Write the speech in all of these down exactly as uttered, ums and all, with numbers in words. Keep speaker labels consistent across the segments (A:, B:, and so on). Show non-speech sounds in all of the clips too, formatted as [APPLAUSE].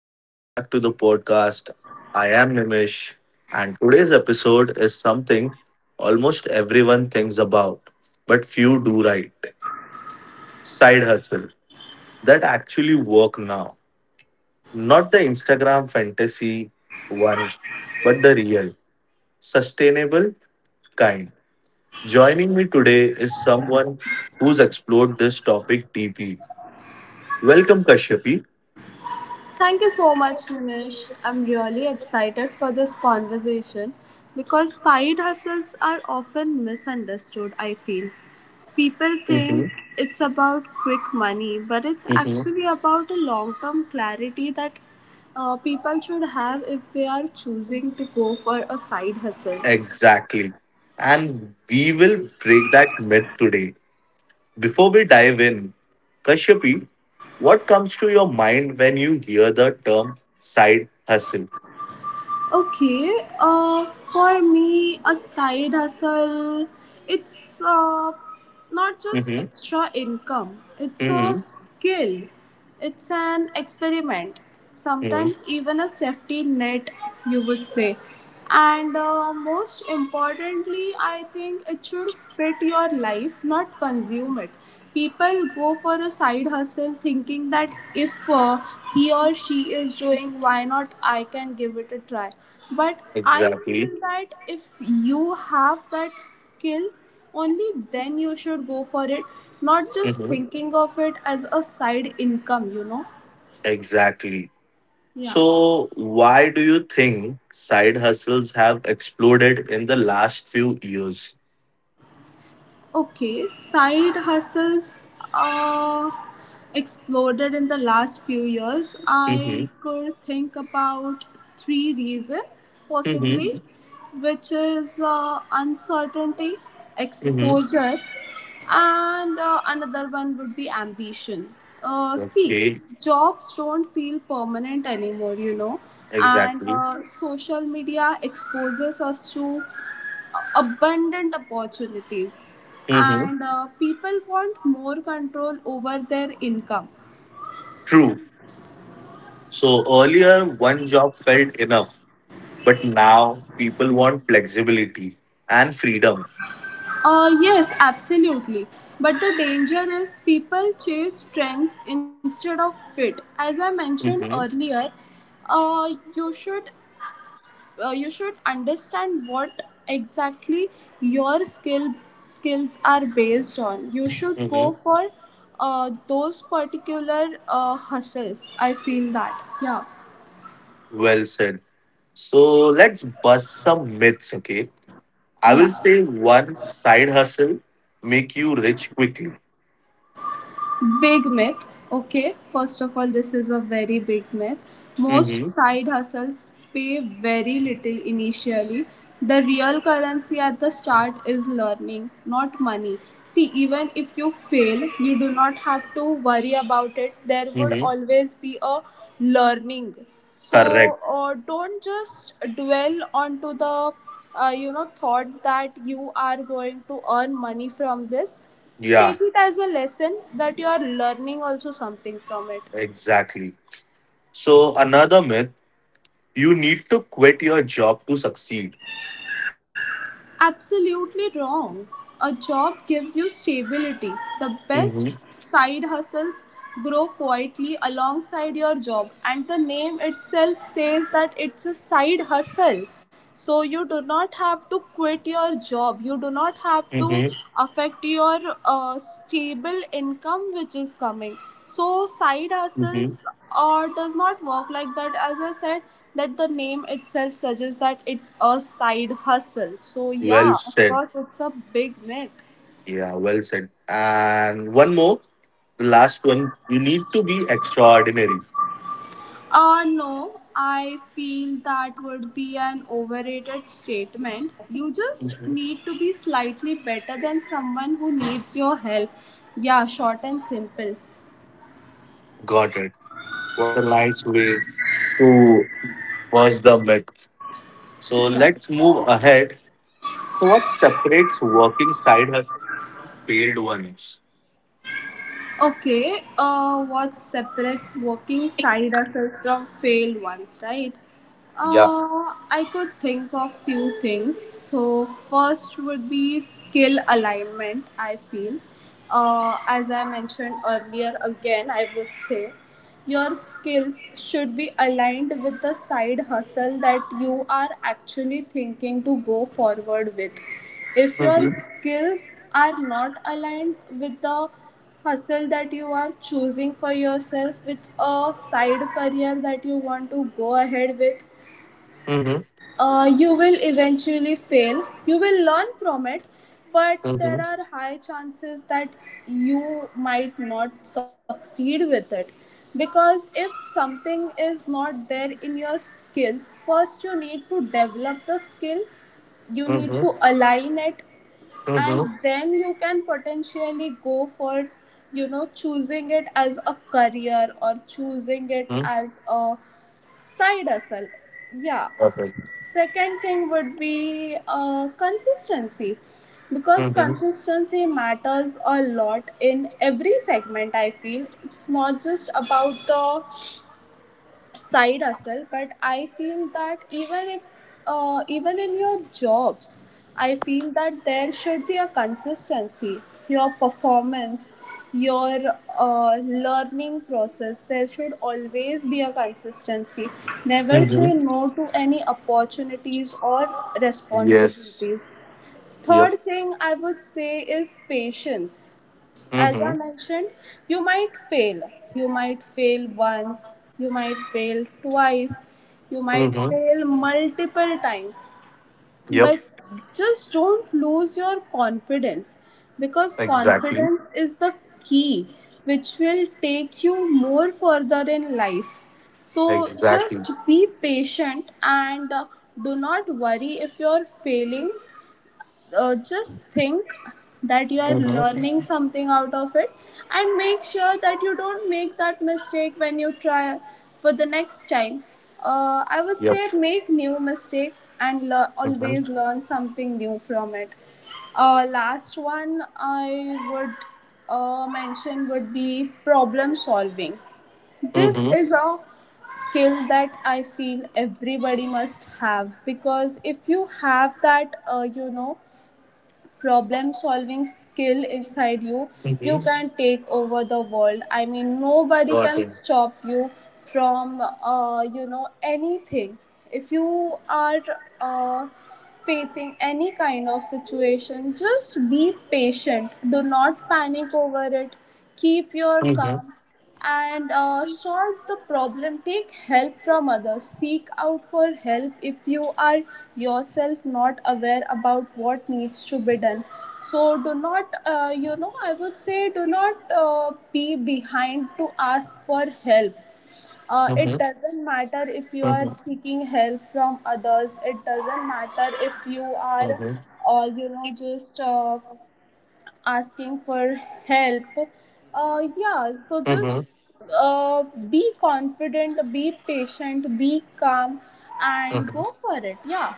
A: Welcome back to the podcast. I am Nimish, and today's episode is something almost everyone thinks about, but few do right. Side hustle that actually work now. Not the Instagram fantasy one, but the real, sustainable kind. Joining me today is someone who's explored this topic deeply. Welcome, Kashyapi.
B: Thank you so much, Nimish. I'm really excited for this conversation because side hustles are often misunderstood, I feel. People think
A: Mhm,
B: it's about quick money, but it's
A: mhm.
B: actually about a long term clarity that uh, people should have if they are choosing to go for a side hustle.
A: Exactly. And we will break that myth today. Before we dive in, Kashyapi, what comes to your mind when you hear the term side hustle?
B: Okay, uh, for me, a side hustle, it's uh, not just
A: Mm-hmm.
B: extra income, it's a
A: Mm-hmm.
B: skill, it's an experiment,
A: Mm-hmm.
B: sometimes even a safety net, you would say. And uh, most importantly, I think it should fit your life, not consume it. People go for a side hustle thinking that if uh, he or she is doing, why not, I can give it a try. But I
A: Exactly.
B: feel that if you have that skill only, then you should go for it, not just
A: Mm-hmm.
B: thinking of it as a side income, you know.
A: Exactly.
B: Yeah.
A: So, why do you think side hustles have exploded in the last few years?
B: Okay, side hustles uh, exploded in the last few years.
A: Mm-hmm.
B: I could think about three reasons, possibly,
A: Mm-hmm.
B: which is uh, uncertainty,
A: Mm-hmm.
B: exposure, and uh, another one would be ambition. Uh, see,
A: Okay.
B: jobs don't feel permanent anymore, you know, and
A: Exactly.
B: uh, social media exposes us to abundant opportunities,
A: Mm-hmm.
B: and uh, people want more control over their income.
A: True. So earlier, one job felt enough, but now people want flexibility and freedom.
B: Uh, yes, absolutely. But the danger is people chase trends instead of fit. As I mentioned
A: Mm-hmm.
B: earlier, uh, you should uh, you should understand what exactly your skill skills are based on. You should go
A: Mm-hmm.
B: for uh, those particular uh, hustles. I feel that. Yeah.
A: Well said. So let's bust some myths, okay? I
B: Yeah.
A: will say one side hustle make you rich quickly.
B: Big myth. Okay, first of all, this is a very big myth. Most
A: Mm-hmm.
B: side hustles pay very little initially. The real currency at the start is learning, not money. See, even if you fail, you do not have to worry about it. There would
A: Mm-hmm.
B: always be a learning. So,
A: Correct.
B: uh, don't just dwell onto the uh, you know thought that you are going to earn money from this.
A: Yeah,
B: Take it as a lesson that you are learning also something from it.
A: exactly. So another myth, you need to quit your job to succeed.
B: Absolutely wrong. A job gives you stability. The best
A: Mm-hmm.
B: side hustles grow quietly alongside your job, and the name itself says that it's a side hustle. So, you do not have to quit your job, you do not have to
A: Mm-hmm.
B: affect your uh, stable income which is coming. So, side
A: Mm-hmm.
B: hustles uh, does not work like that, as I said that the name itself suggests that it's a side hustle. So
A: Well
B: yeah, of
A: said.
B: course it's a big myth.
A: Yeah, well said. And one more, the last one, you need to be extraordinary.
B: Uh no, I feel that would be an overrated statement. You just
A: Mhm.
B: need to be slightly better than someone who needs your help. Yeah, short and simple.
A: Got it. What a nice way to bust the myth. So
B: Yeah.
A: let's move ahead. So, what separates working side hustles from failed ones?
B: Okay, uh, what separates working side hustles from failed ones, right?
A: Yeah.
B: Uh, I could think of few things. So first would be skill alignment. I feel, uh, as I mentioned earlier, again I would say, your skills should be aligned with the side hustle that you are actually thinking to go forward with. If
A: Mm-hmm.
B: your skills are not aligned with the hustle that you are choosing for yourself, with a side career that you want to go ahead with,
A: Mm-hmm.
B: uh, you will eventually fail, you will learn from it, but
A: Mm-hmm.
B: there are high chances that you might not succeed with it, because if something is not there in your skills, first you need to develop the skill, you need
A: Mm-hmm.
B: to align it,
A: Mm-hmm.
B: and then you can potentially go for, you know, choosing it as a career or choosing it as a side hustle. Yeah.
A: Got it.
B: Second thing would be uh, consistency, because
A: Mm-hmm.
B: consistency matters a lot in every segment, I feel. It's not just about the side hustle, but I feel that even if uh, even in your jobs, I feel that there should be a consistency. Your performance, your uh, learning process, there should always be a consistency. Never
A: Mm-hmm.
B: say no to any opportunities or
A: Yes.
B: responsibilities.
A: Yep.
B: Third thing, I would say, is patience.
A: Mm-hmm.
B: As I mentioned, you might fail. You might fail once, you might fail twice, you might
A: Mm-hmm.
B: fail multiple times.
A: Yep.
B: But just don't lose your confidence, because
A: Exactly.
B: confidence is the key which will take you more further in life. So just
A: Exactly.
B: be patient, and uh, do not worry if you're failing. Uh, just think that you are learning
A: Mm-hmm.
B: something out of it, and make sure that you don't make that mistake when you try for the next time. uh, I would say
A: Yep.
B: make new mistakes and lear- always
A: Mm-hmm.
B: learn something new from it. Uh, last one I would uh, mention would be problem solving. This is
A: Mm-hmm.
B: a skill that I feel everybody must have, because if you have that uh, you know problem solving skill inside you, you can
A: Mm-hmm.
B: take over the world. I mean, nobody can
A: Got it.
B: stop you from uh, you know anything. If you are uh, facing any kind of situation, just be patient, do not panic
A: Mm-hmm.
B: over it, keep your calm, and uh, solve the problem. Take help from others, seek out for help if you are yourself not aware about what needs to be done. So do not uh, you know, I would say, do not uh, be behind to ask for
A: Mm-hmm.
B: help. Uh, it
A: Mm-hmm.
B: doesn't matter if you are seeking help from others, it doesn't matter
A: Mm-hmm.
B: if you are uh, you know just uh, asking for help. Uh,
A: Mm-hmm.
B: yeah, so just uh, be confident, be patient, be calm,
A: Mm-hmm.
B: and go for it. Yeah.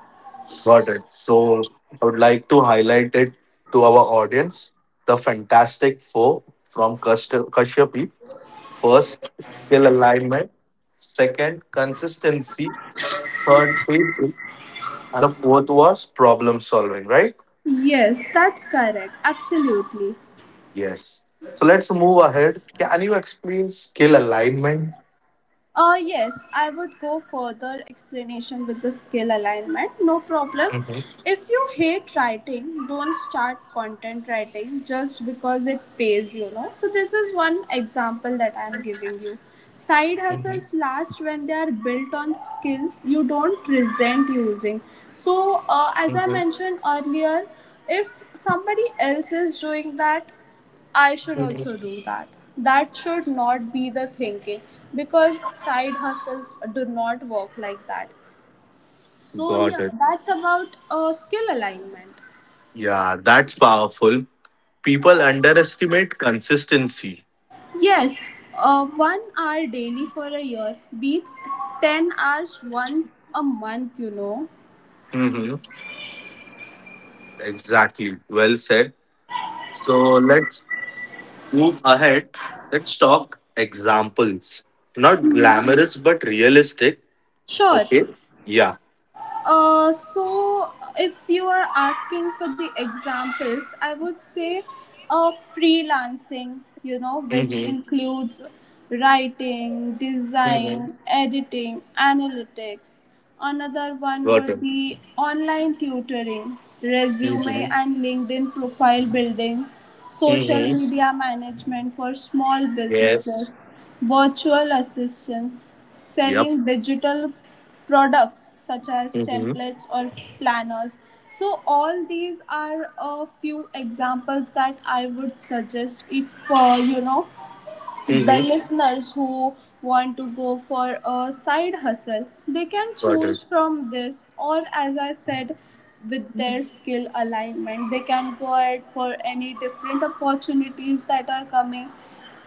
A: Got it. So I would like to highlight it to our audience. The Fantastic Four from Kasht- Kashyapi. First, skill alignment. Second, consistency. Third, faith. And the fourth was problem solving, right?
B: Yes, that's correct, absolutely.
A: Yes. So let's move ahead. Can you explain skill alignment?
B: Uh, yes, I would go further explanation with the skill alignment. No problem.
A: Mm-hmm.
B: If you hate writing, don't start content writing just because it pays, you know. So, this is one example that I'm giving you. Side hustles last when they are built on skills you don't resent using. So, uh, as I
A: Mm-hmm.
B: mentioned earlier, if somebody else is doing that, I should also
A: Mm-hmm.
B: do that. That should not be the thinking, because side hustles do not work like that. So, yeah,
A: Got it.
B: that's about uh, skill alignment.
A: Yeah, that's powerful. People underestimate consistency.
B: Yes, uh, one hour daily for a year beats ten hours once a month, you know.
A: Hmm. Exactly. Well said. So let's move ahead. Let's talk examples. Not glamorous, but realistic.
B: Sure.
A: Okay. Yeah.
B: Uh, so, if you are asking for the examples, I would say uh, freelancing, you know,
A: Hmm.
B: which includes writing,
A: Hmm.
B: design, editing, analytics. Another one
A: Got it.
B: would be online tutoring,
A: Hmm.
B: resume and LinkedIn profile building,
A: Hmm.
B: social media management for small
A: Yes.
B: businesses, virtual assistants,
A: Yep.
B: selling digital products such as
A: Hmm.
B: templates or planners. So, all these are a few examples that I would suggest if, uh, you know, the
A: Hmm.
B: listeners who want to go for a side hustle, they can
A: Got it.
B: choose from this, or as I said, with their skill alignment they can go ahead for any different opportunities that are coming.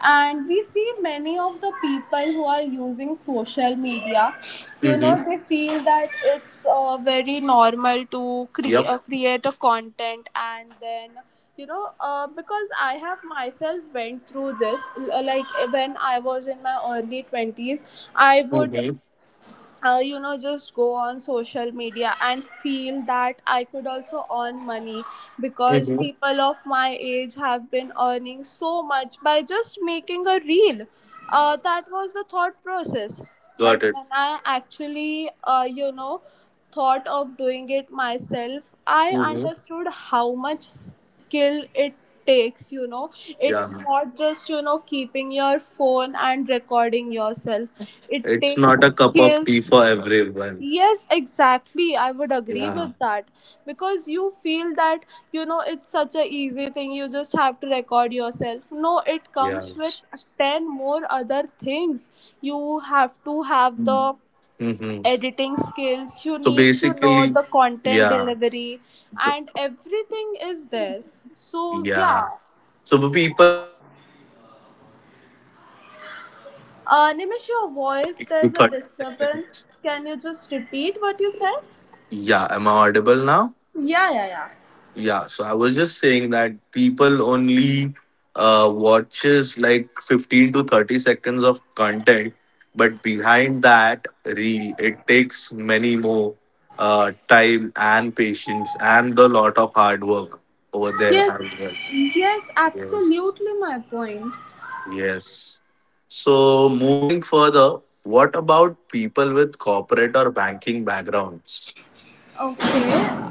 B: And we see many of the people who are using social media, you know,
A: Hmm.
B: they feel that it's uh, very normal to cre-
A: Yep.
B: uh, create a content, and then, you know, uh, because I have myself went through this, l- like when I was in my early twenties, I would
A: Hmm.
B: uh, you know just go on social media and feel that I could also earn money, because
A: Hmm.
B: people of my age have been earning so much by just making a reel. Uh, that was the thought process. But
A: Got it.
B: when I actually, uh, you know, thought of doing it myself, I
A: Hmm.
B: understood how much skill it takes, you know.
A: Yeah.
B: It's not just, you know, keeping your phone and recording yourself, it
A: It's not
B: takes
A: a cup of tea
B: skills.
A: for everyone.
B: Yes, exactly. I would agree with
A: Yeah.
B: that, because you feel that, you know, it's such a easy thing. You just have to record yourself. No, it
A: Yeah.
B: comes with ten more other things. You have to have the
A: Mm-hmm.
B: editing skills, you
A: So
B: need to know
A: basically,
B: the content
A: yeah,
B: delivery,
A: th-
B: and everything is there. So,
A: yeah.
B: yeah.
A: So people
B: Uh, Nimish, your voice,
A: to
B: there's a
A: thirty seconds.
B: disturbance. Can you just repeat what you said?
A: Yeah, am I audible now?
B: Yeah, yeah, yeah.
A: Yeah, so I was just saying that people only uh, watches like fifteen to thirty seconds of content, but behind that reel, it takes many more uh, time and patience and a lot of hard work over there as
B: Yes,
A: well.
B: yes,
A: Yes,
B: absolutely my point.
A: yes. So moving further, what about people with corporate or banking backgrounds?
B: Okay,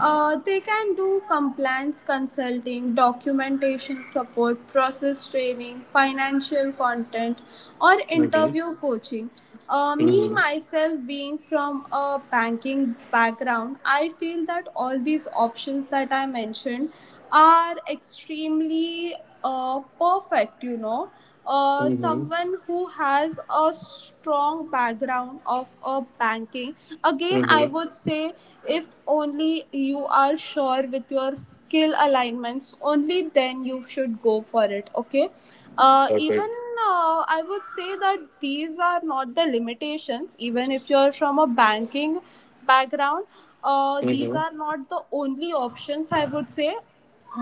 B: uh, they can do compliance consulting, documentation support, process training, financial content, or
A: Mhm.
B: interview coaching. Uh, me myself being from a banking background, I feel that all these options that I mentioned are extremely uh, perfect, you know. Uh,
A: Mm-hmm.
B: someone who has a strong background of uh, banking, again I
A: Mm-hmm.
B: would say, if only you are sure with your skill alignments, only then you should go for it, okay? uh, even
A: Okay.
B: uh, I would say that these are not the limitations. Even if you're from a banking background, uh,
A: Mm-hmm.
B: these are not the only options, I would say.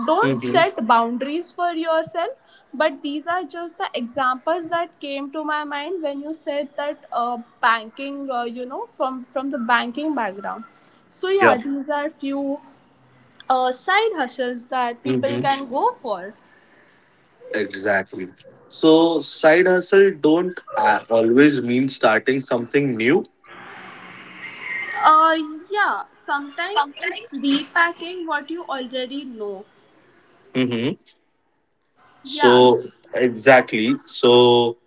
B: Don't
A: Mm-hmm.
B: set boundaries for yourself, but these are just the examples that came to my mind when you said that, uh, banking, uh, you know, from from the banking background. So
A: Yeah.
B: yeah, these are few uh, side hustles that people
A: Mm-hmm.
B: can go for.
A: Exactly. So side hustle don't uh, always mean starting something new.
B: uh, yeah, sometimes it's repacking what you already know.
A: Mm-hmm.
B: Yeah.
A: So exactly. So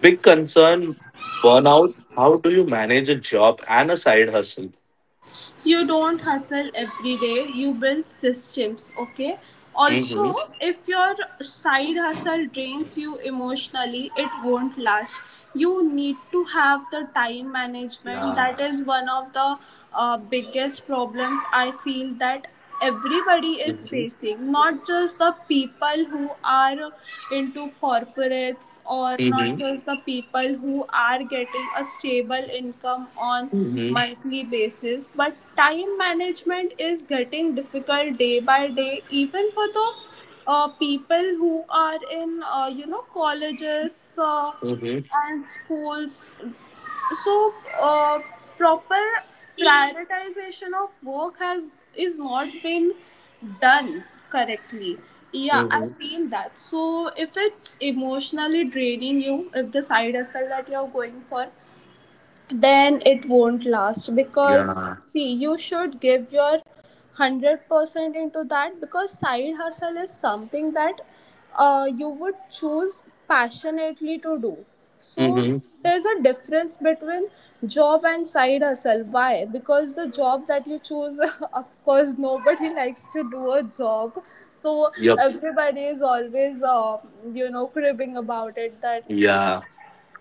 A: big concern burnout. How do you manage a job and a side hustle?
B: You don't hustle every day, you build systems, okay? Also,
A: Mm-hmm.
B: if your side hustle drains you emotionally, it won't last. You need to have the time management. That
A: Yeah.
B: is one of the uh, biggest problems I feel that everybody is
A: Mm-hmm.
B: facing, not just the people who are into corporates or not
A: Mm-hmm.
B: just the people who are getting a stable income on
A: Mm-hmm.
B: monthly basis, but time management is getting difficult day by day even for the uh, people who are in uh, you know colleges uh,
A: Mm-hmm.
B: and schools. So uh, proper prioritization of work has is not been done correctly. Yeah, I
A: Mm-hmm.
B: feel that. So if it's emotionally draining you, if the side hustle that you're going for, then it won't last, because
A: Yeah.
B: see, you should give your one hundred percent into that because side hustle is something that uh, you would choose passionately to do. So
A: Mm-hmm.
B: there's a difference between job and side hustle. Why? Because the job that you choose, [LAUGHS] of course nobody [LAUGHS] likes to do a job, so
A: Yep.
B: everybody is always uh, you know cribbing about it that
A: Yeah.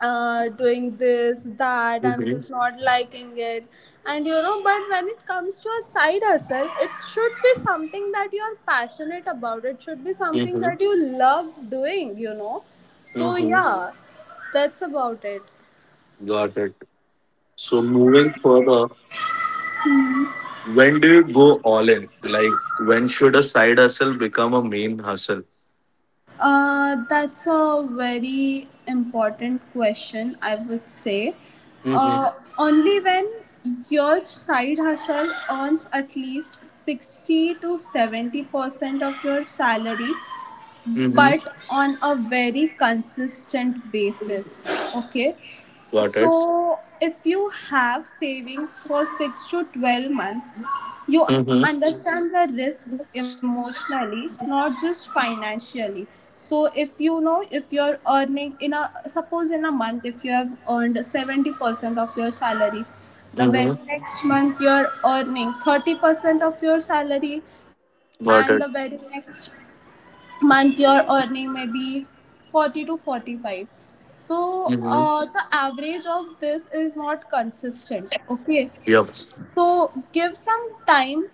B: uh, doing this, that, I'm
A: Mm-hmm.
B: just not liking it. And you know, but when it comes to a side hustle, it should be something that you are passionate about. It should be something
A: Mm-hmm.
B: that you love doing, you know. So,
A: Mm-hmm.
B: yeah, that's about it.
A: Got it. So moving further, when do you go all in? Like when should a side hustle become a main hustle?
B: Uh, that's a very important question, I would say.
A: Mm-hmm.
B: Uh, Only when your side hustle earns at least sixty to seventy percent of your salary,
A: Mm-hmm.
B: but on a very consistent basis. Okay,
A: Got
B: so
A: it.
B: if you have savings for six to twelve months, you
A: Mm-hmm.
B: understand the risks emotionally, not just financially. So if you know, if you're earning in a, suppose in a month if you have earned seventy percent of your salary,
A: Mm-hmm.
B: the very next month you're earning thirty percent of your salary,
A: Got
B: and the
A: it.
B: very next month you earning may be forty to forty-five, so
A: Mm-hmm.
B: uh, the average of this is not consistent, okay?
A: Yep.
B: So give some time.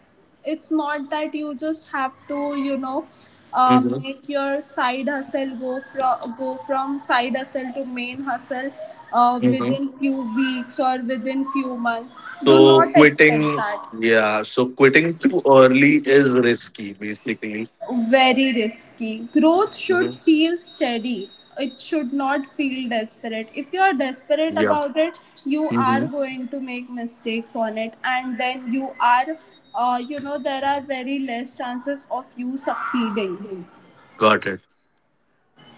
B: It's not that you just have to, you know, um,
A: Mm-hmm.
B: make your side hustle go from go from side hustle to main hustle uh,
A: Mm-hmm.
B: within few weeks or within few months. Do
A: So
B: not expect
A: quitting,
B: that.
A: yeah. So quitting too early is risky, basically.
B: Very risky. Growth should
A: Mm-hmm.
B: feel steady. It should not feel desperate. If you are desperate
A: Yep.
B: about it, you
A: Mm-hmm.
B: are going to make mistakes on it, and then you are, uh, you know, there are very less chances of you succeeding.
A: Got it.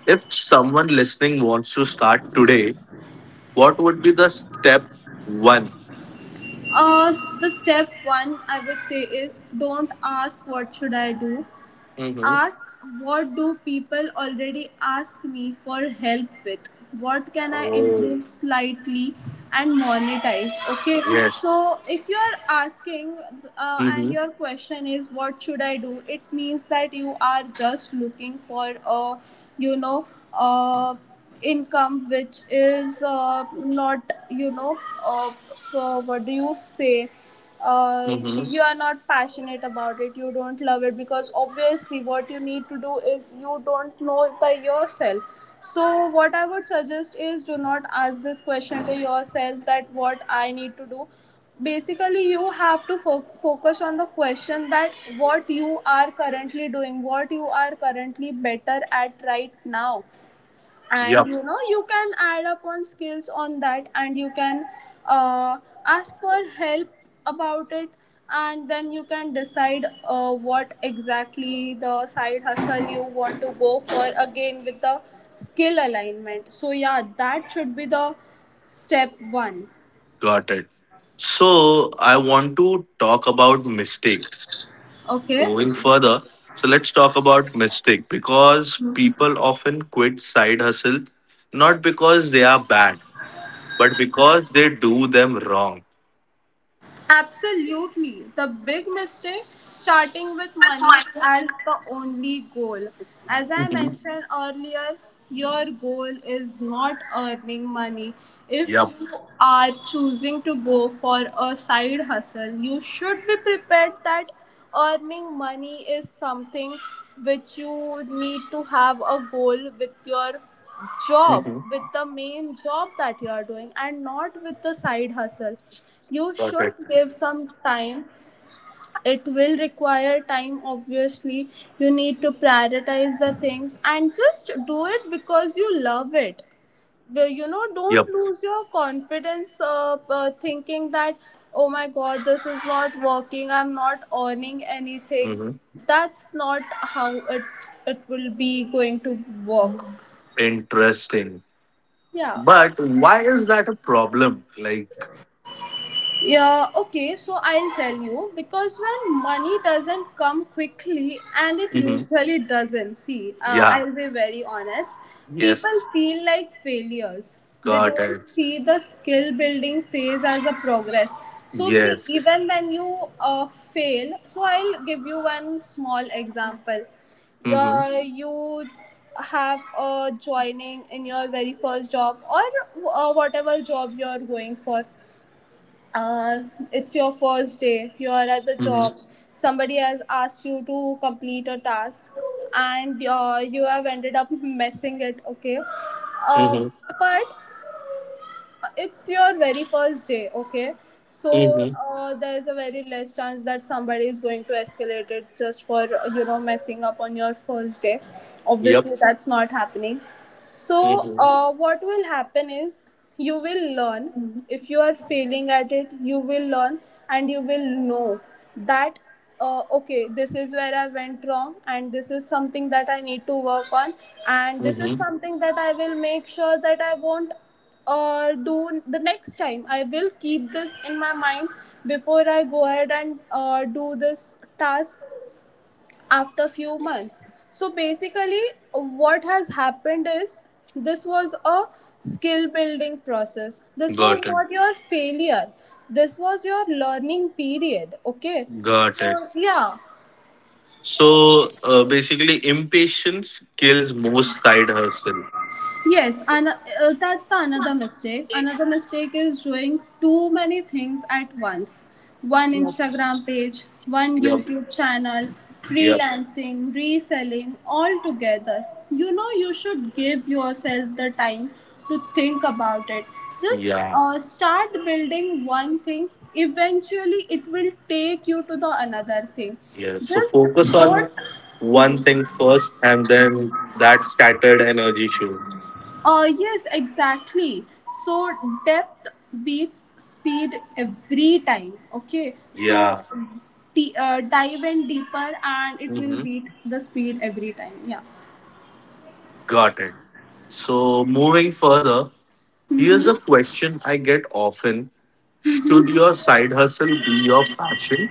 A: If someone listening wants to start today, what would be the step one?
B: Uh, the step one I would say is, don't ask what should I do.
A: Mm-hmm.
B: Ask, what do people already ask me for help with? What can I
A: Oh,
B: improve slightly and monetize? Okay, so
A: yes.
B: if you are asking, uh, and your question is what should I do, it means that you are just looking for a you know uh, income which is uh, not, you know uh, uh, what do you say? Uh,
A: Mm-hmm.
B: you are not passionate about it, you don't love it, because obviously what you need to do is you don't know it by yourself. So what I would suggest is, do not ask this question to yourself, that what I need to do. Basically you have to fo- focus on the question that what you are currently doing, what you are currently better at right now, and
A: Yep,
B: you know you can add up on skills on that, and you can uh, ask for help about it, and then you can decide uh, what exactly the side hustle you want to go for, again with the skill alignment. So yeah, that should be the step one.
A: got it. So I want to talk about mistakes.
B: Okay.
A: Moving further, so let's talk about mistake because people often quit side hustle not because they are bad, but because they do them wrong.
B: Absolutely. The big mistake, starting with money as the only goal. As I
A: Mhm.
B: mentioned earlier, your goal is not earning money. If
A: Yep.
B: you are choosing to go for a side hustle, you should be prepared that earning money is something which you need to have a goal with your job,
A: Mm-hmm.
B: with the main job that you are doing, and not with the side hustle. You
A: Got it.
B: should give some time. It will require time, obviously. You need to prioritize the things and just do it because you love it. The- you know, don't
A: Yep.
B: lose your confidence uh, uh, thinking that, oh my god, this is not working, I'm not earning anything.
A: Mm-hmm.
B: That's not how it it will be going to work.
A: Interesting.
B: Yeah.
A: But why is that a problem? Like,
B: Yeah, okay, so I'll tell you, because when money doesn't come quickly, and it
A: Mhm.
B: usually doesn't, see, uh,
A: yeah,
B: I'll be very honest, people
A: yes,
B: feel like failures. They
A: got
B: don't
A: it.
B: see the skill building phase as a progress. So see,
A: Yes.
B: even when you uh, fail, so I'll give you one small example. you
A: Mm-hmm.
B: you have a joining in your very first job, or uh, whatever job you're going for. uh, it's your first day, you're at the job, somebody has asked you to complete a task, and uh, you have ended up messing it, okay? Uh,
A: Mm-hmm.
B: but it's your very first day, okay? So
A: Mm-hmm.
B: uh, there's a very less chance that somebody is going to escalate it just for uh, you know messing up on your first day.
A: Yep.
B: Obviously that's not happening. So
A: Mm-hmm.
B: uh, what will happen is, you will learn. If you are failing at it, you will learn, and you will know that uh, okay, this is where I went wrong, and this is something that I need to work on, and this is
A: Mm-hmm.
B: something that I will make sure that I won't or do the next time. I will keep this in my mind before I go ahead and uh, do this task after few months. So basically, what has happened is, this was a skill building process. This
A: Got
B: was
A: it.
B: not your failure. This was your learning period. Okay.
A: Got it.
B: So yeah.
A: So uh, basically, impatience kills most side hustle.
B: Yes, and uh, that's the another mistake. Another mistake is doing too many things at once. One Instagram page, one
A: Yep.
B: YouTube channel,
A: Yep.
B: freelancing, reselling, all together. You know, you should give yourself the time to think about it. Just
A: Yeah.
B: uh, start building one thing. Eventually, it will take you to the another thing.
A: Yeah. So
B: Just
A: focus on
B: don't—
A: one thing first, and then that scattered energy shows.
B: Uh, yes, exactly. So depth beats speed every time. Okay, so
A: Yeah.
B: d- uh, dive in deeper and it will
A: Mm-hmm.
B: beat the speed every time. Yeah.
A: Got it. So moving further, here's a question I get often: should your side hustle be your passion?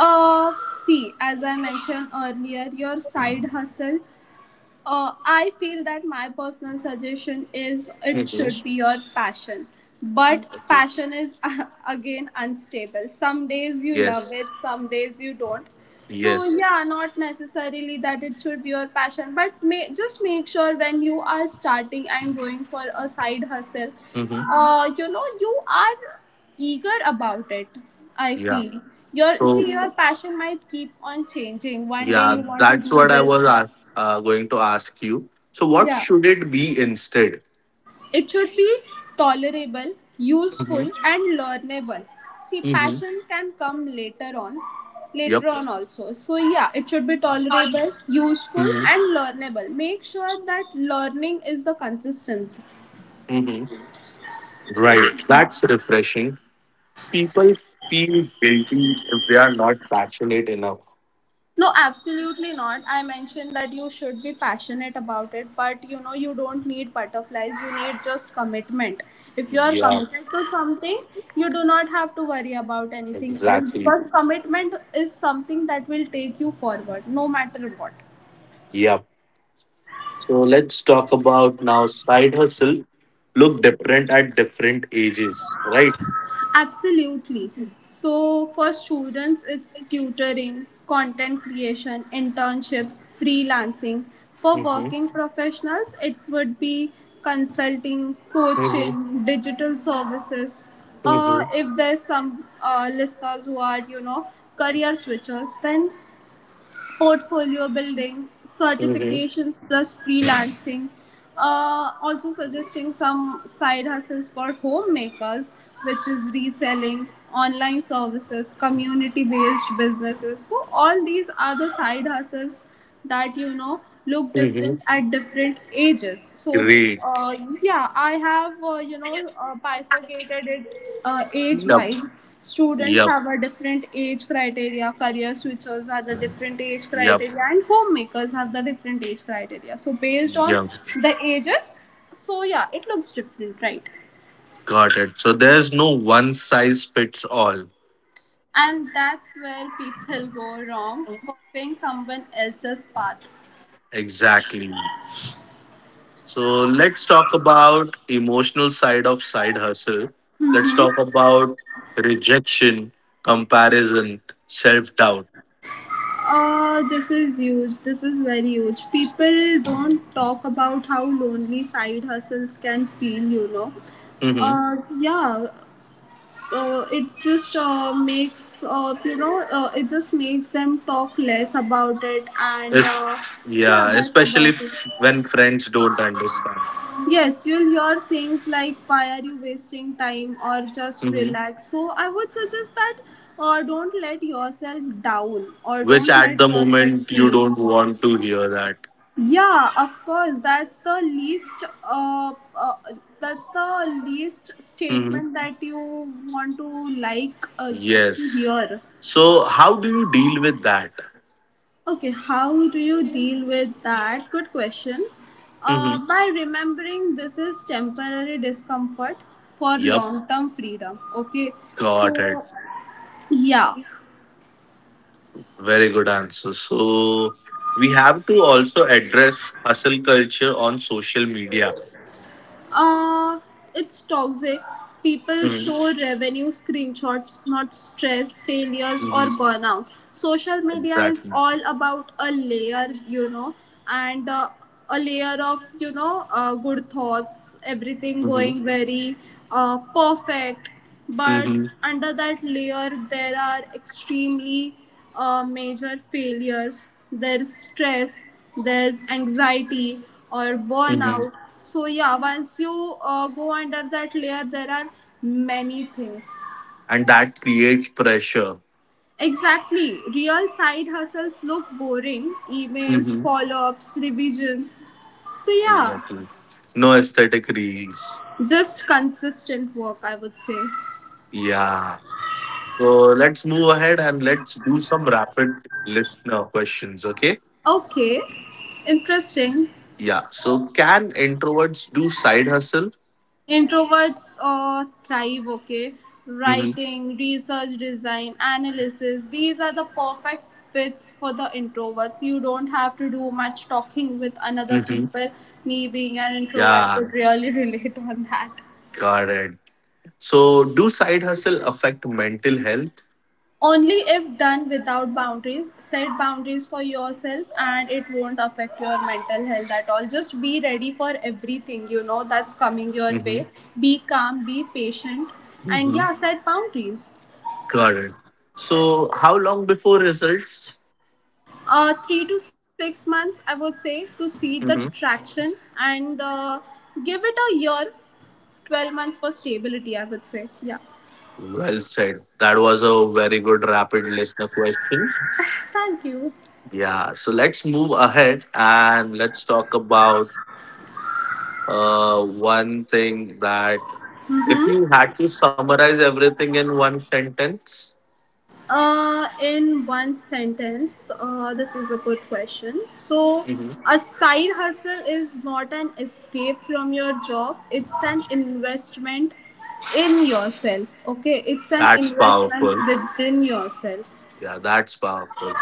B: Uh, See, as I mentioned earlier, your side hustle, Uh, I feel that my personal suggestion is it should
A: Mm-hmm.
B: be your passion. But
A: Okay.
B: passion is [LAUGHS] again unstable. Some days you love
A: Yes.
B: it, some days you don't. So
A: Yes.
B: yeah, not necessarily that it should be your passion, but may, just make sure when you are starting and going for a side hustle,
A: Mm-hmm.
B: uh, you know you are eager about it, I
A: Yeah.
B: feel. Your
A: So
B: See, your passion might keep on changing, one day
A: yeah,
B: you want to
A: that's
B: do
A: what I
B: this.
A: was a- uh, going to ask you. So what
B: Yeah,
A: should it be instead?
B: it should be tolerable,
A: Mm-hmm.
B: useful, and learnable. See,
A: Mm-hmm.
B: passion can come later on,
A: Yep.
B: later on also. So yeah, it should be tolerable, useful,
A: Mm-hmm.
B: and learnable. Make sure that learning is the consistency.
A: Mm-hmm. Right. That's refreshing. People feel guilty if they are not passionate enough.
B: No, absolutely not. I mentioned that you should be passionate about it, but you know, you don't need butterflies, you need just commitment. If you are
A: Yeah.
B: committed to something, you do not have to worry about anything else
A: Exactly.
B: because commitment is something that will take you forward no matter what.
A: Yep. So let's talk about now side hustle. Look different at different ages, right?
B: Absolutely. So for students, it's tutoring, content creation, internships, freelancing. For
A: Mm-hmm.
B: working professionals, it would be consulting,
A: Mm-hmm.
B: coaching, digital services. Uh,
A: Mm-hmm.
B: if there's some uh, listeners who are, you know, career switchers, then portfolio building,
A: Mm-hmm.
B: certifications plus freelancing. Uh, also suggesting some side hustles for homemakers, which is reselling, online services, community based businesses. So all these are the side hustles that you know look
A: Mm-hmm.
B: different at different ages. So
A: Great.
B: uh, yeah, I have uh, you know uh, bifurcated it uh, age
A: Yeah.
B: wise. Students
A: Yep,
B: have a different age criteria, career switchers have the different age
A: yep,
B: criteria, and homemakers have the different age criteria, so based on
A: yep.
B: the ages. So yeah, it looks different, right?
A: Got it. So there's no one size fits all.
B: And that's where people go wrong, copying someone else's path.
A: Exactly. So let's talk about emotional side of side hustle. Let's talk about rejection, comparison, self doubt.
B: Uh, this is huge. This is very huge. People don't talk about how lonely side hustles can feel, you know.
A: Hmm.
B: Uh, yeah, uh, it just uh, makes, uh, you know, uh, it just makes them talk less about it. And
A: It's,
B: uh, yeah,
A: yeah,
B: that's
A: especially
B: about it.
A: f- when friends don't understand.
B: Yes, you'll hear things like, why are you wasting time, or just
A: Hmm.
B: relax. So I would suggest that uh, don't let yourself down or
A: Which
B: don't
A: at
B: let
A: the
B: yourself
A: moment you
B: feel.
A: don't want to hear that.
B: Yeah, of course. That's the least. Uh, uh, that's the least
A: Hmm.
B: statement that you want to like uh, to
A: Yes.
B: hear.
A: So how do you deal with that?
B: Okay, how do you deal with that? Good question. Uh,
A: Mm-hmm.
B: by remembering this is temporary discomfort for
A: Yup.
B: long term freedom. Okay,
A: Got it.
B: so yeah.
A: Very good answer. So we have to also address hustle culture on social media.
B: Uh, it's toxic. People
A: Mhm.
B: show revenue screenshots, not stress, failures,
A: Mhm.
B: or burnout. Social media is
A: Exactly.
B: all about a layer, you know, and uh, a layer of, you know, uh, good thoughts, everything
A: Hmm.
B: going very uh, perfect, but
A: Hmm.
B: under that layer there are extremely uh, major failures, there's stress, there's anxiety or
A: Hmm.
B: burnout. So yeah, once you uh, go under that layer, there are many things.
A: And that creates pressure.
B: Exactly, real side hustles look boring. Emails,
A: Hmm.
B: follow-ups, revisions. So yeah,
A: Exactly. No aesthetic reels.
B: just consistent work, I would say.
A: Yeah. So let's move ahead and let's do some rapid listener questions. Okay.
B: Okay, interesting.
A: Yeah. So can introverts do side hustle?
B: Introverts uh, thrive, okay?
A: Hmm.
B: Writing, research, design, analysis. These are the perfect fits for the introverts. You don't have to do much talking with another
A: Hmm.
B: people. Me being an introvert
A: Yeah.
B: could really [LAUGHS] relate on that.
A: Got it. So, do side hustle affect mental health?
B: Only if done without boundaries, set boundaries for yourself and it won't affect your mental health at all. Just be ready for everything, you know, that's coming your
A: Hmm.
B: way. Be calm, be patient, and
A: Hmm.
B: yeah, set boundaries.
A: Got it. So, how long before results?
B: Uh, three to six months, I would say, to see the
A: Hmm.
B: traction and uh, give it a year, twelve months for stability, I would say. Yeah.
A: Well said. That was a very good rapid listener question.
B: Thank you.
A: Yeah. So let's move ahead and let's talk about uh, one thing that if you had to summarize everything in one sentence,
B: Uh, in one sentence, uh, this is a good question. So,
A: Hmm.
B: a side hustle is not an escape from your job, it's an investment in yourself. Okay, it's an
A: That's
B: investment
A: powerful.
B: within yourself.
A: Yeah, that's powerful.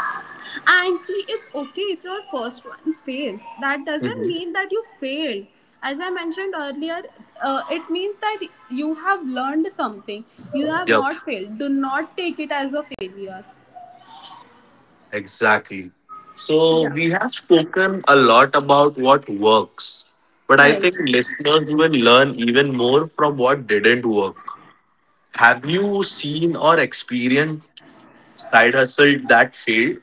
B: And see, it's okay if your first one fails. That doesn't
A: Hmm.
B: mean that you failed. As I mentioned earlier, uh, it means that you have learned something. You have not failed. Do not take it as a failure.
A: Exactly. So
B: Yeah,
A: we have spoken a lot about what works, but I
B: right.
A: think listeners will learn even more from what didn't work. Have you seen or experienced side hustle that failed?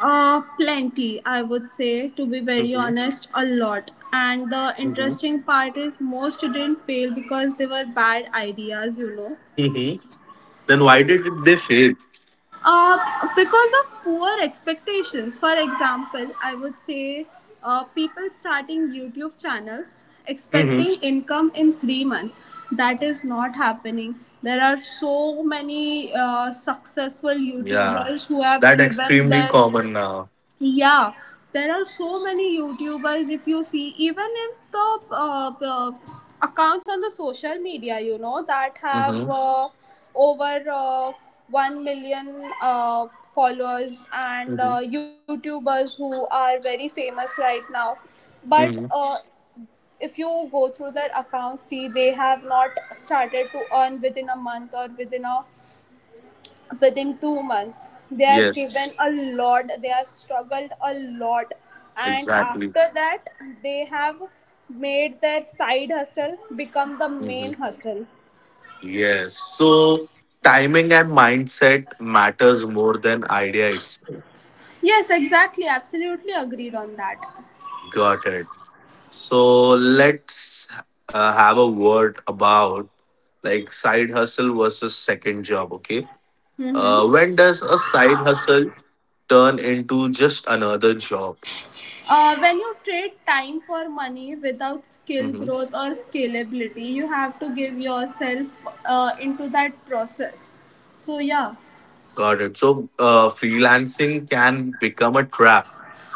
B: Uh, plenty, I would say, to be very
A: Hmm.
B: honest, a lot. And the
A: Hmm.
B: interesting part is, most didn't fail because they were bad ideas, you know.
A: Hmm. Then why did they fail?
B: Uh, because of poor expectations. For example, I would say uh, people starting YouTube channels
A: Hmm.
B: expecting income in three months. That is not happening. There are so many uh, successful
A: Yeah,
B: YouTubers who have
A: that
B: given
A: extremely
B: their
A: common now.
B: yeah, there are so many YouTubers. If you see, even if the uh, uh, s- accounts on the social media, you know, that
A: Hmm.
B: have uh, over uh, one million uh, followers and
A: Hmm.
B: uh, YouTubers who are very famous right now. But
A: Hmm.
B: uh, if you go through their accounts, see, they have not started to earn within a month or within a within two months. They have given
A: Yes,
B: a lot, they have struggled a lot, and
A: exactly.
B: after that, they have made their side hustle become the
A: Mhm.
B: main hustle.
A: Yes. So timing and mindset matters more than idea itself.
B: Yes, exactly. Absolutely agreed on that.
A: Got it. So let's uh, have a word about like side hustle versus second job. Okay. Uh,
B: Mm-hmm.
A: when does a side hustle turn into just another job?
B: Uh, when you trade time for money without skill
A: Hmm.
B: growth or scalability, you have to give yourself uh, into that process. So, yeah.
A: Got it. So uh, freelancing can become a trap.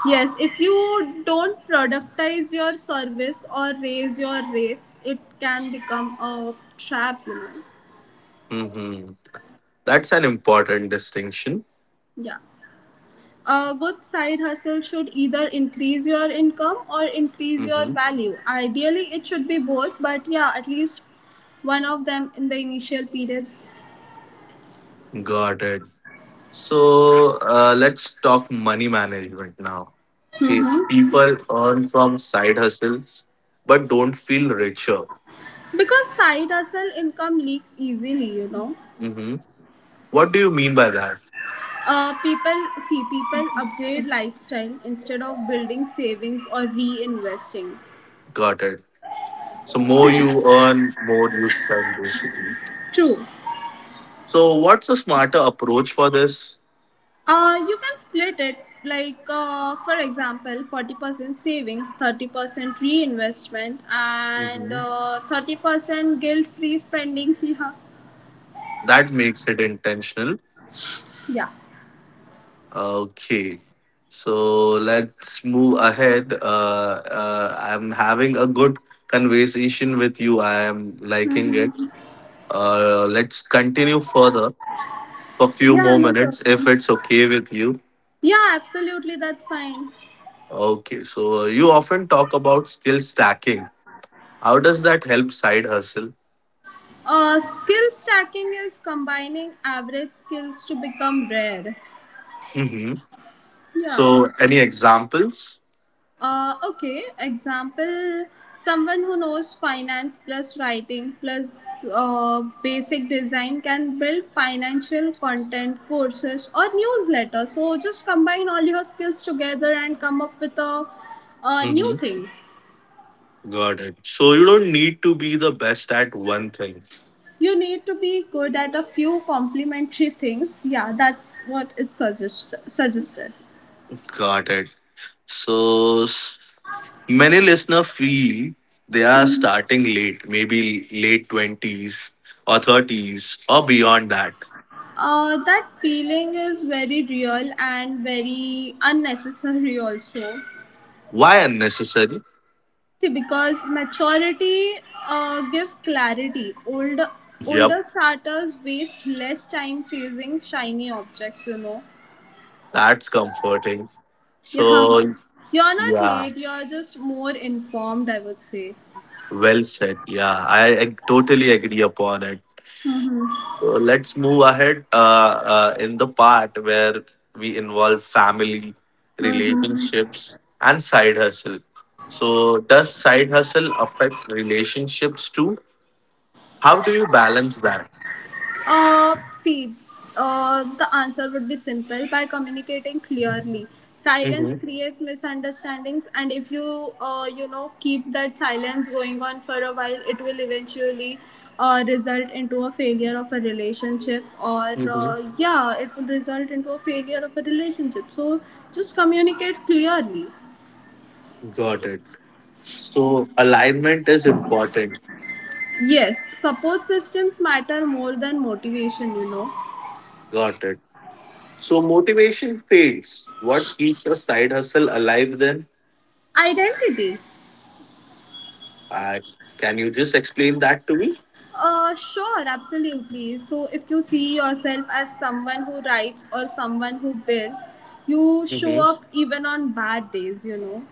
B: Yes, if you don't productize your service or raise your rates, it can become a trap, you know.
A: Hmm. That's an important distinction.
B: Yeah. A good side hustle should either increase your income or increase your
A: Hmm.
B: value. Ideally, it should be both, but yeah, at least one of them in the initial periods.
A: Got it. So uh, let's talk money management now. Okay, people earn from side hustles but don't feel richer.
B: Because side hustle income leaks easily, you know.
A: Hmm. What do you mean by that?
B: Uh, people see people upgrade lifestyle instead of building savings or reinvesting.
A: Got it. So more you earn, more you spend basically.
B: True.
A: So what's a smarter approach for this?
B: Uh, you can split it like uh, for example, forty percent savings, thirty percent reinvestment, and
A: Hmm.
B: uh, thirty percent guilt free spending [LAUGHS] yeah.
A: That makes it intentional.
B: Yeah,
A: Okay. So let's move ahead. Uh, uh, I'm having a good conversation with you. I am liking it Uh, let's continue further for few
B: yeah,
A: more
B: no
A: minutes if
B: problem.
A: it's okay with you.
B: Yeah, absolutely, that's fine.
A: Okay, so uh, you often talk about skill stacking. How does that help side hustle?
B: Uh, skill stacking is combining average skills to become rare.
A: Hmm.
B: Yeah.
A: So, any examples?
B: Uh, okay, example, someone who knows finance plus writing plus uh, basic design can build financial content courses or newsletter. So just combine all your skills together and come up with a, a
A: Hmm.
B: new thing.
A: Got it. So, you don't need to be the best at one thing.
B: You need to be good at a few complementary things. Yeah, that's what it suggest- suggested.
A: Got it. So, s- many listeners feel they are starting late, maybe late twenties or thirties or beyond that.
B: Uh, that feeling is very real and very unnecessary, also.
A: Why unnecessary?
B: See, because maturity uh, gives clarity. Older
A: Yep.
B: older starters waste less time chasing shiny objects. You know.
A: That's comforting.
B: Yeah. [LAUGHS]
A: So,
B: You're not
A: yeah,
B: late. You're just more informed, I would say.
A: well said. Yeah, I, I totally agree upon it. So, let's move ahead uh, uh, in the part where we involve family, relationships, and side hustle. So, does side hustle affect relationships too? How do you balance that?
B: Uh, see, uh, the answer would be simple: by communicating clearly. Silence
A: Mm-hmm.
B: creates misunderstandings, and if you, uh, you know, keep that silence going on for a while, it will eventually uh, result into a failure of a relationship, or
A: Mm-hmm.
B: uh, yeah, it will result into a failure of a relationship. So just communicate clearly.
A: Got it. So, alignment is important.
B: Yes, support systems matter more than motivation. You know.
A: Got it. So motivation fades. What keeps your side hustle alive then?
B: Identity.
A: Uh, can you just explain that to me?
B: Uh, sure, absolutely. So, if you see yourself as someone who writes or someone who builds, you show
A: Mm-hmm.
B: up even on bad days, you know.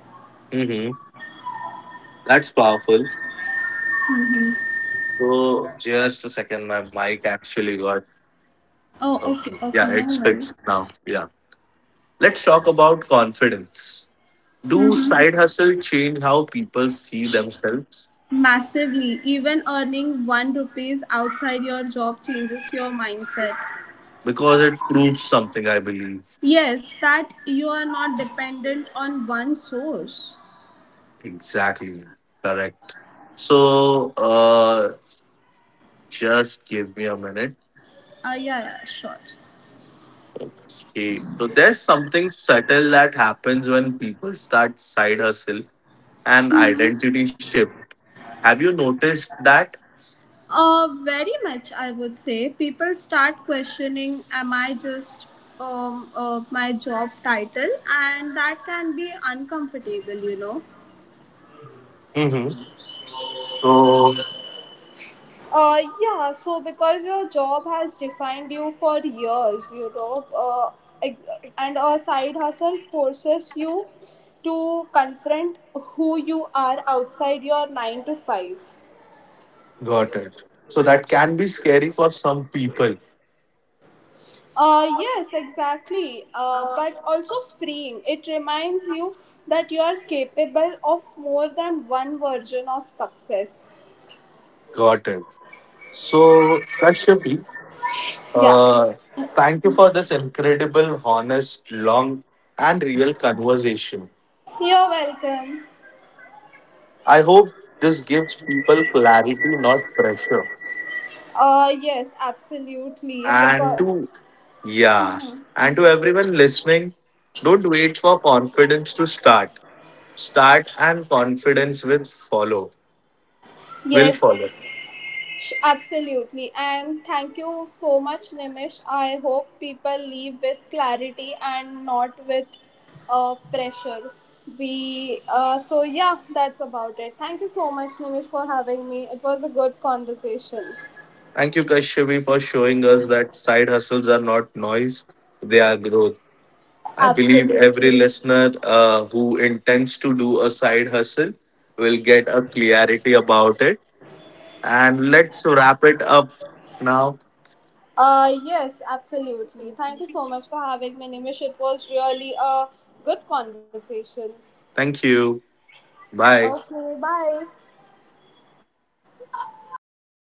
A: Mm-hmm. That's powerful. So just a second, my mic actually got.
B: Oh, okay,
A: Um,
B: okay,
A: yeah,
B: no
A: it's
B: worries.
A: fixed now. Yeah. Let's talk about confidence. Do side hustle change how people see themselves?
B: Massively, even earning one rupees outside your job changes your mindset.
A: Because it proves something, I believe.
B: Yes, that you are not dependent on one source.
A: Exactly. Correct. So uh, just give me a minute.
B: Uh, yeah, yeah, sure.
A: Okay. So there's something subtle that happens when people start side hustle an identity shift. Have you noticed that?
B: Uh, very much, I would say. People start questioning, am I just um, uh, my job title? And that can be uncomfortable, you know.
A: Mm-hmm. So,
B: Uh, yeah, so because your job has defined you for years, you know, uh, ex- and a side hustle forces you to confront who you are outside your nine to five.
A: got it. So that can be scary for some people.
B: Uh, yes, exactly. Uh, but also freeing. It reminds you that you are capable of more than one version of success.
A: Got it. So Rashmi,
B: Yeah.
A: uh, thank you for this incredible, honest, long, and real conversation.
B: You're welcome.
A: I hope this gives people clarity, not pressure.
B: Uh, yes, absolutely. Because,
A: And to Yeah, and to everyone listening, don't wait for confidence to start. Start and confidence with follow. Will
B: yes.
A: follow.
B: Sh- Absolutely. And thank you so much, Nimish. I hope people leave with clarity and not with uh, pressure. We uh, So yeah, that's about it. Thank you so much, Nimish, for having me. It was a good conversation.
A: Thank you, Kashyapi, for showing us that side hustles are not noise; they are growth. I believe every
B: Absolutely.
A: listener uh, who intends to do a side hustle will get a clarity about it. And let's wrap it up now.
B: Uh, yes, absolutely. Thank you so much for having me, Nimish. It was really a good conversation.
A: Thank you. Bye.
B: Okay, bye.